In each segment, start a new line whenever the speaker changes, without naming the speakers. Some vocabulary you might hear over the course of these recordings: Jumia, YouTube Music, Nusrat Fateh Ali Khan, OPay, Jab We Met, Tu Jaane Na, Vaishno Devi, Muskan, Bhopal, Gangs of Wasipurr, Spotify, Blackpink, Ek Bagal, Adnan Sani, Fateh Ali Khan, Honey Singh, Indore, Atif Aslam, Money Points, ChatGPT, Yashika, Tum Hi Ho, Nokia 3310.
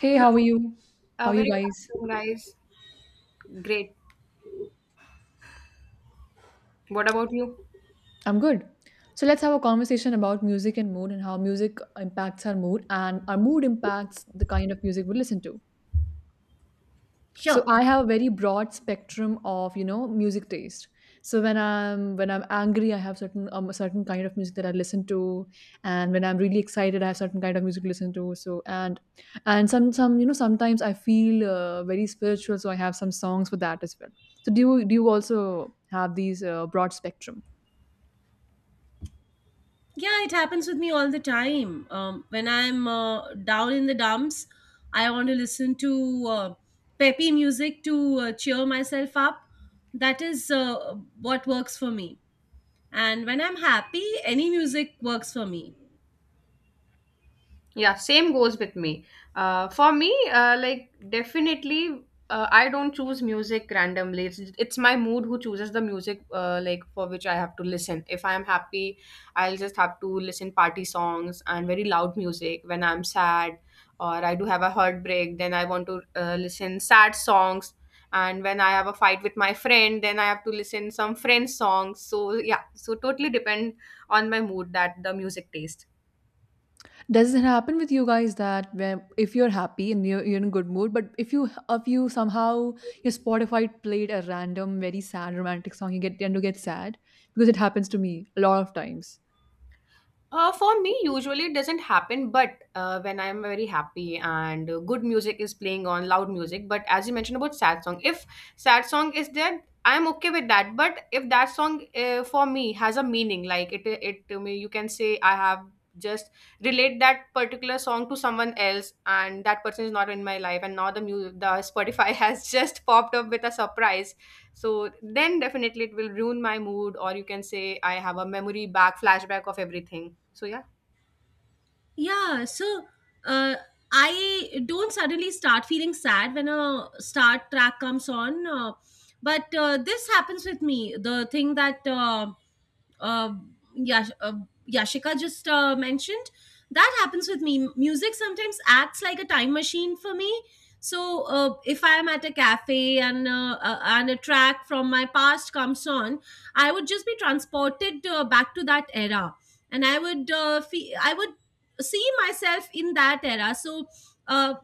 Hey, how are you? How
A
are you
very
guys?
good afternoon, guys. Great. What about you?
I'm good. So let's have a conversation about music and mood and how music impacts our mood and our mood impacts the kind of music we listen to. So I have a very broad spectrum of, you know, music taste. So when I'm angry, I have certain a certain kind of music that I listen to, and when I'm really excited, I have certain kind of music to listen to. So and some you know sometimes I feel very spiritual, so I have some songs for that as well. So do you also have these broad spectrum?
Yeah, it happens with me all the time. When I'm down in the dumps, I want to listen to peppy music to cheer myself up. That is What works for me. And when I'm happy, any music works for me.
Yeah, same goes with me. For me, like definitely, I don't choose music randomly. It's my mood who chooses the music, like for which I have to listen. If I am happy, I'll just have to listen party songs and very loud music. When I'm sad or I do have a heartbreak, then I want to listen sad songs. And when I have a fight with my friend, then I have to listen some friend songs. So yeah, so totally depend on my mood that the music taste.
Does it happen with you guys that where if you're happy and you're in a good mood, but if you somehow your Spotify played a random very sad romantic song, you get tend to get sad because it happens to me a lot of times.
For me, usually it doesn't happen, but when I'm very happy and good music is playing on loud music, but as you mentioned about sad song, if sad song is there, I'm okay with that. But if that song for me has a meaning, like it to me, you can say I have just relate that particular song to someone else, and that person is not in my life, and now the Spotify has just popped up with a surprise, so then definitely it will ruin my mood, or you can say I have a memory back flashback of everything. So yeah.
Yeah, so uh, I don't suddenly start feeling sad when a start track comes on. But This happens with me. The thing that. Uh, Yash- Yashika just mentioned. That happens with me. Music sometimes acts like a time machine for me. So if I'm at a cafe and a track from my past comes on, I would just be transported back to that era, and I would see myself in that era. Uh,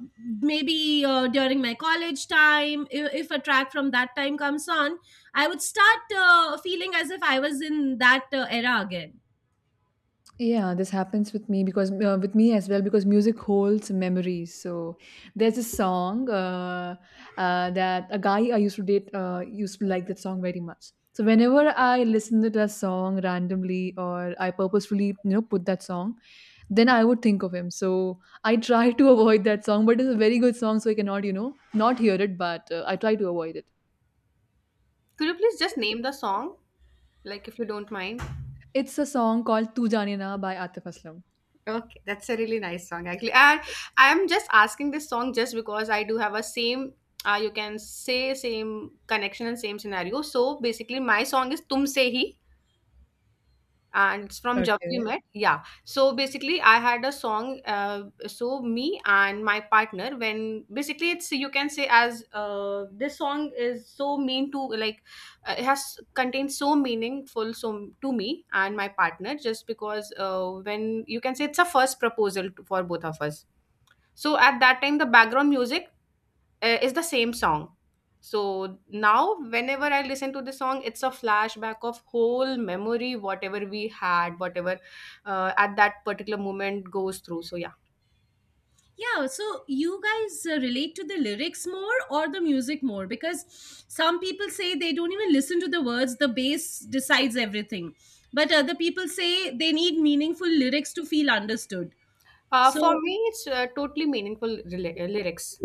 Maybe during my college time, if a track from that time comes on, I would start feeling as if I was in that era again.
Yeah, this happens with me because with me as well because music holds memories. So there's a song that a guy I used to date used to like that song very much. So whenever I listen to that song randomly or I purposefully you know put that song, then I would think of him. So I try to avoid that song, but it's a very good song, so I cannot you know not hear it, but I try to avoid it.
Could you please just name the song, like, if you don't mind?
It's a song called "Tu Jaane Na" by Atif Aslam.
Okay, that's a really nice song, actually. And I am just asking this song just because I do have a same, you can say, same connection and same scenario, so basically my song is tumse hi, and it's from Jab We
Okay.
Met. Yeah. So basically, I had a song. So me and my partner, when basically it's, you can say, as this song is so mean to, like, it has contained so meaningful so to me and my partner just because when you can say it's a first proposal for both of us. So at that time, the background music is the same song. So now, whenever I listen to the song, it's a flashback of whole memory, whatever we had, whatever at that particular moment goes through. So yeah.
Yeah, so you guys relate to the lyrics more or the music more? Because some people say they don't even listen to the words, the bass decides everything. But other people say they need meaningful lyrics to feel understood.
For
So
me, it's totally meaningful lyrics.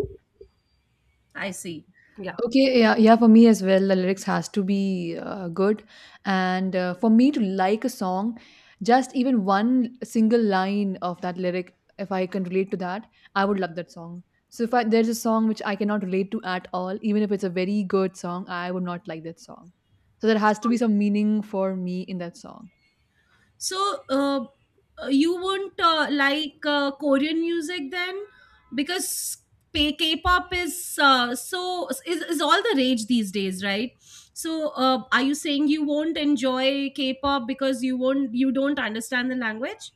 I see.
Yeah.
Okay, yeah, yeah, for me as well, the lyrics has to be good, and for me to like a song, just even one single line of that lyric, if I can relate to that, I would love that song. So if I, there's a song which I cannot relate to at all, even if it's a very good song, I would not like that song. So there has to be some meaning for me in that song.
So, you won't like Korean music then, because K-pop is is all the rage these days, right? So, are you saying you won't enjoy K-pop because you don't understand the language?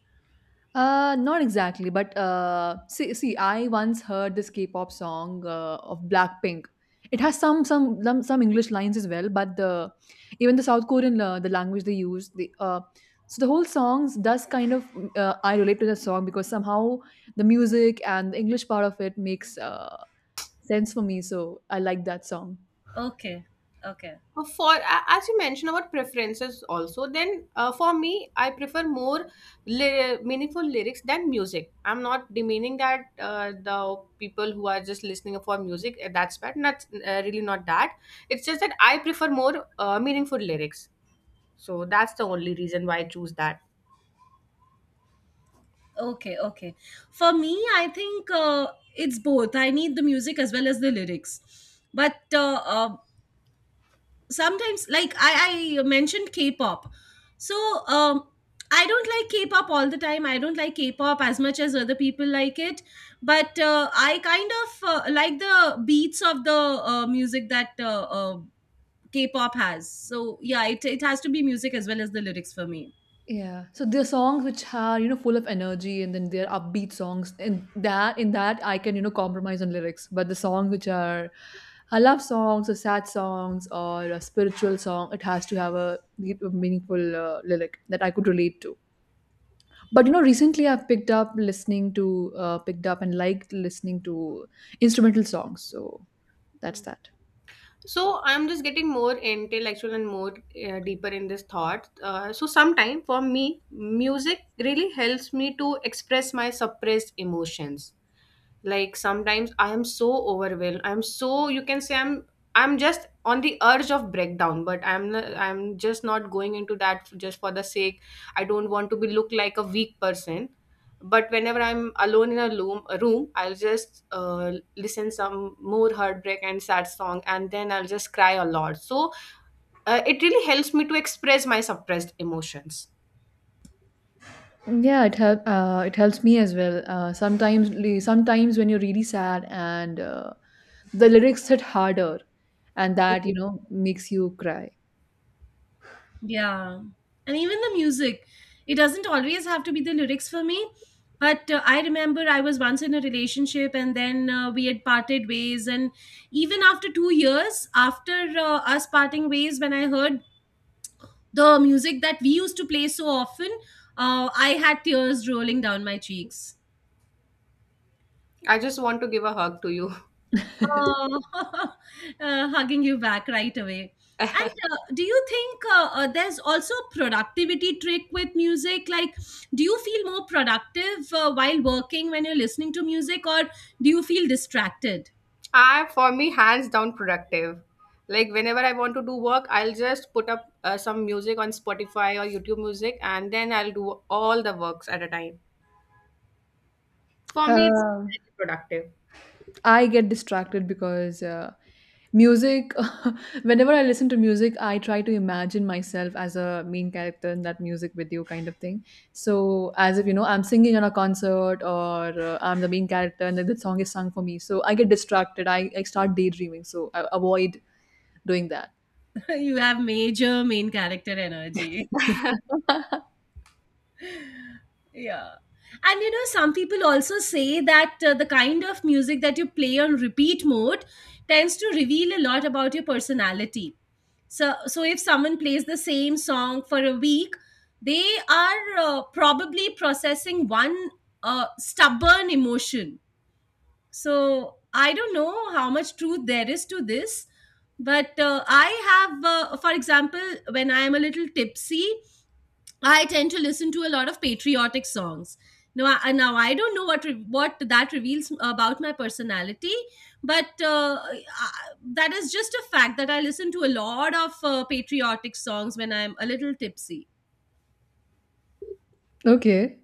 Not exactly, but see, I once heard this K-pop song of Blackpink. It has some English lines as well, but the even the South Korean the language they use the so the whole songs does kind of I relate to the song because somehow the music and the English part of it makes sense for me. So I like that song.
Okay, okay,
As you mentioned about preferences also, then for me, I prefer more meaningful lyrics than music. I'm not demeaning that the people who are just listening for music that's bad. Not really not that. It's just that I prefer more meaningful lyrics. So that's the only reason why I choose that.
okay, okay. For me, I think it's both. I need the music as well as the lyrics. But sometimes like I mentioned K-pop, so um I don't like K-pop all the time. I don't like K-pop as much as other people like it, but I kind of like the beats of the music that K-pop has. So yeah, it has to be music as well as the lyrics for me.
Yeah. So there are songs which are, you know, full of energy and then there are upbeat songs. And that in that I can, you know, compromise on lyrics. But the songs which are I love songs or sad songs or a spiritual song, it has to have a, a meaningful lyric that I could relate to. But you know, recently I've picked up listening to picked up and liked listening to instrumental songs. So that's that.
So I'm just getting more intellectual and more deeper in this thought. So sometime for me, music really helps me to express my suppressed emotions, like sometimes I am so overwhelmed, I'm so, you can say, I'm just on the urge of breakdown, but I'm just not going into that just for the sake. I don't want to be look like a weak person. But whenever I'm alone in a a room, I'll just listen some more heartbreak and sad song, and then I'll just cry a lot. So it really helps me to express my suppressed emotions.
Yeah, it helps me as well. Sometimes, sometimes when you're really sad and the lyrics hit harder, and that you know makes you cry.
Yeah. And even the music, it doesn't always have to be the lyrics for me. But I remember I was once in a relationship, and then we had parted ways. And even after 2 years, after us parting ways, when I heard the music that we used to play so often, I had tears rolling down my cheeks.
I just want to give a hug to you.
Oh, hugging you back right away. And do you think there's also a productivity trick with music? Like, do you feel more productive while working when you're listening to music, or do you feel distracted?
For me, hands down productive. Like whenever I want to do work, I'll just put up some music on Spotify or YouTube music, and then I'll do all the works at a time. For me, it's
Uh,
very productive.
I get distracted because music. Whenever I listen to music, I try to imagine myself as a main character in that music video kind of thing. So, as if you know, I'm singing on a concert or I'm the main character, and then the song is sung for me. So I get distracted. I start daydreaming. So I avoid doing that.
You have major main character energy. Yeah. And you know, some people also say that the kind of music that you play on repeat mode tends to reveal a lot about your personality. So, so if someone plays the same song for a week, they are probably processing one stubborn emotion. So, I don't know how much truth there is to this, but I, have, for example, when I am a little tipsy, I tend to listen to a lot of patriotic songs. Now I don't know what that reveals about my personality, but that is just a fact that I listen to a lot of patriotic songs when I'm a little tipsy.
Okay.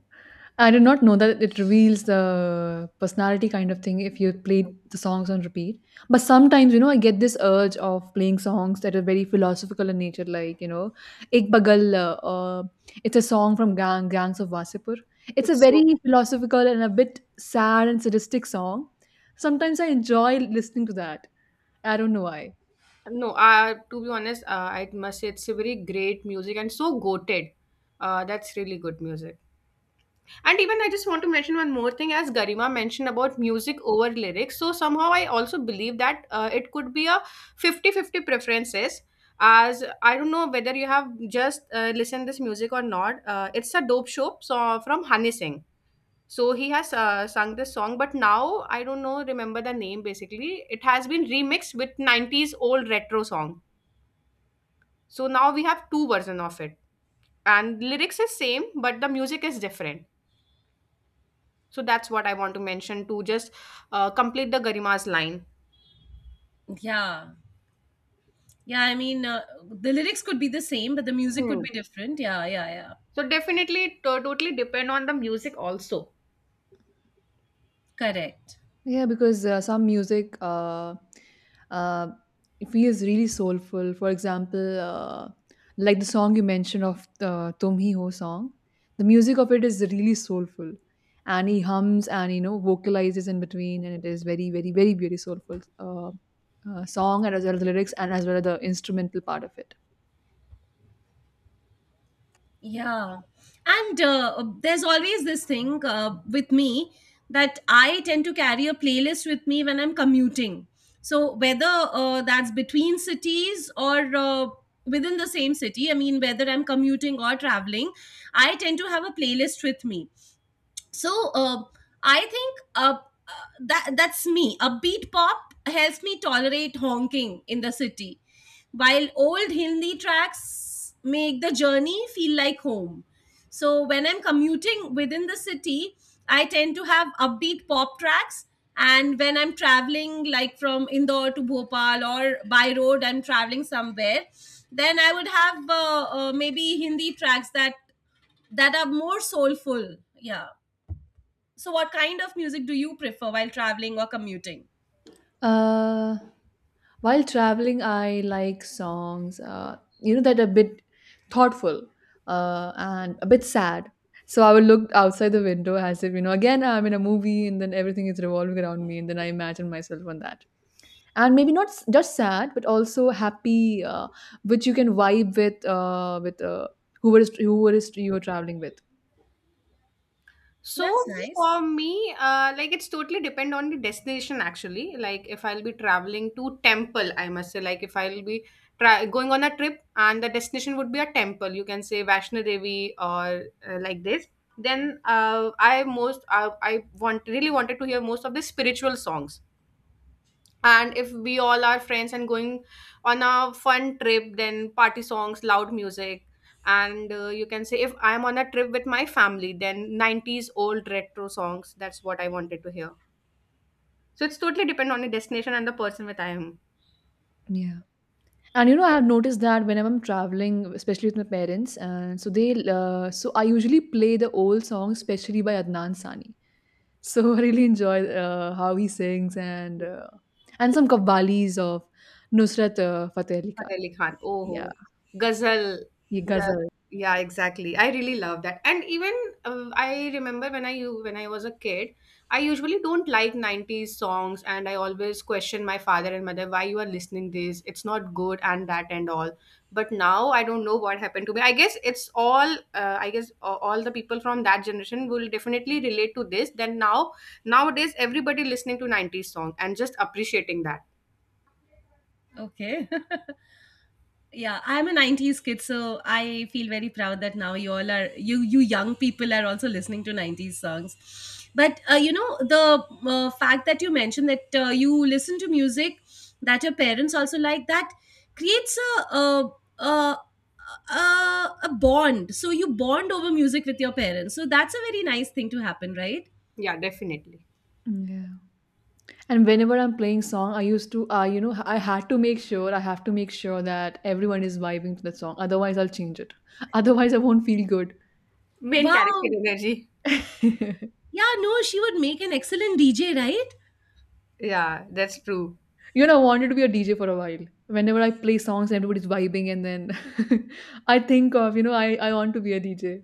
I did not know that it reveals the personality kind of thing if you played the songs on repeat. But sometimes, you know, I get this urge of playing songs that are very philosophical in nature, like, you know, Ek Bagal, it's a song from Gangs of Wasipur. It's a
It's
very
so
philosophical and a bit sad and sadistic song. Sometimes I enjoy listening to that. I don't know why.
No. To be honest, I must say it's a very great music and so goated. That's really good music. And even I just want to mention one more thing, as Garima mentioned about music over lyrics. So somehow I also believe that it could be a fifty-fifty preferences. As I don't know whether you have just listened this music or not. It's a dope show, so, from Honey Singh. So he has sung this song, but now I don't know, remember the name basically. It has been remixed with 90s old retro song. So now we have two version of it. And lyrics is same, but the music is different. So that's what I want to mention to just complete the Garima's line.
Yeah, yeah. I mean, the lyrics could be the same, but the music could
Hmm.
be different. Yeah, yeah, yeah.
So definitely, it totally depend on the music also.
Correct.
Yeah, because some music uh, it feels really soulful. For example, like the song you mentioned of the Tum Hi Ho song, the music of it is really soulful. And he hums and you know vocalizes in between, and it is very, very, very, very soulful song, and as well as the lyrics, and as well as the instrumental part of it.
Yeah. And there's always this thing with me that I tend to carry a playlist with me when I'm commuting. So, whether that's between cities or within the same city, I mean, whether I'm commuting or traveling, I tend to have a playlist with me, so I think that that's me. Upbeat pop helps me tolerate honking in the city, while old Hindi tracks make the journey feel like home. So when I'm commuting within the city, I tend to have upbeat pop tracks, and when I'm traveling, like from Indore to Bhopal, or by road I'm traveling somewhere, then I would have maybe Hindi tracks that are more soulful. Yeah. So, what kind of music do you prefer while traveling or commuting?
Uh, While traveling, I like songs, you know, that are a bit thoughtful and a bit sad. So I would look outside the window as if, you know, again, I'm in a movie and then everything is revolving around me and then I imagine myself on that. And maybe not just sad, but also happy, which you can vibe with whoever is you are traveling with.
So
That's nice.
for me, like it's totally depend on the destination actually. Like if I'll be traveling to temple, I must say, like if I'll be going on a trip and the destination would be a temple, you can say Vaishno Devi or like this. Then I most I want really wanted to hear most of the spiritual songs. And if we all are friends and going on a fun trip, then party songs, loud music. And you can say if I am on a trip with my family, then 90s old retro songs, that's what I wanted to hear. So it's totally depend on the destination and the person with I am.
Yeah. And you know, I've noticed that whenever I'm traveling, especially with my parents, and so they, so I usually play the old songs, especially by Adnan Sani. So I really enjoy how he sings and some qawwalis of Nusrat Fateh Ali Khan.
Fateh Ali Khan.
Yeah,
Oh, Ghazal.
he
Gha-
ghazal.
yeah, exactly. I really love that. And even I remember when I was a kid, I usually don't like 90s songs, and I always question my father and mother why you are listening this. It's not good and that and all. But now I don't know what happened to me. I guess it's all, all the people from that generation will definitely relate to this. Then now, nowadays everybody listening to 90s song and just appreciating that.
Okay. Yeah, I'm a 90s kid, so I feel very proud that now you all are, you young people are also listening to 90s songs. But you know the fact that you mentioned that you listen to music that your parents also like, that creates a a, a a bond. So you bond over music with your parents. So that's a very nice thing to happen, right?
Yeah, definitely.
Yeah. And whenever I'm playing song, I used to, you know, I had to make sure, I have to make sure that everyone is vibing to the song. Otherwise, I'll change it. Otherwise, I won't feel
Main character
Wow.
energy.
good.
Yeah, no, she would make an excellent DJ, right?
Yeah, that's true.
You know, I wanted to be a DJ for a while. Whenever I play songs, and everybody's vibing, and then I think of, you know, I want to be a DJ.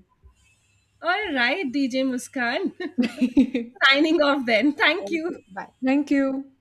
All right, DJ Muskan. Signing off then. Thank
Okay,
you.
bye.
Thank you.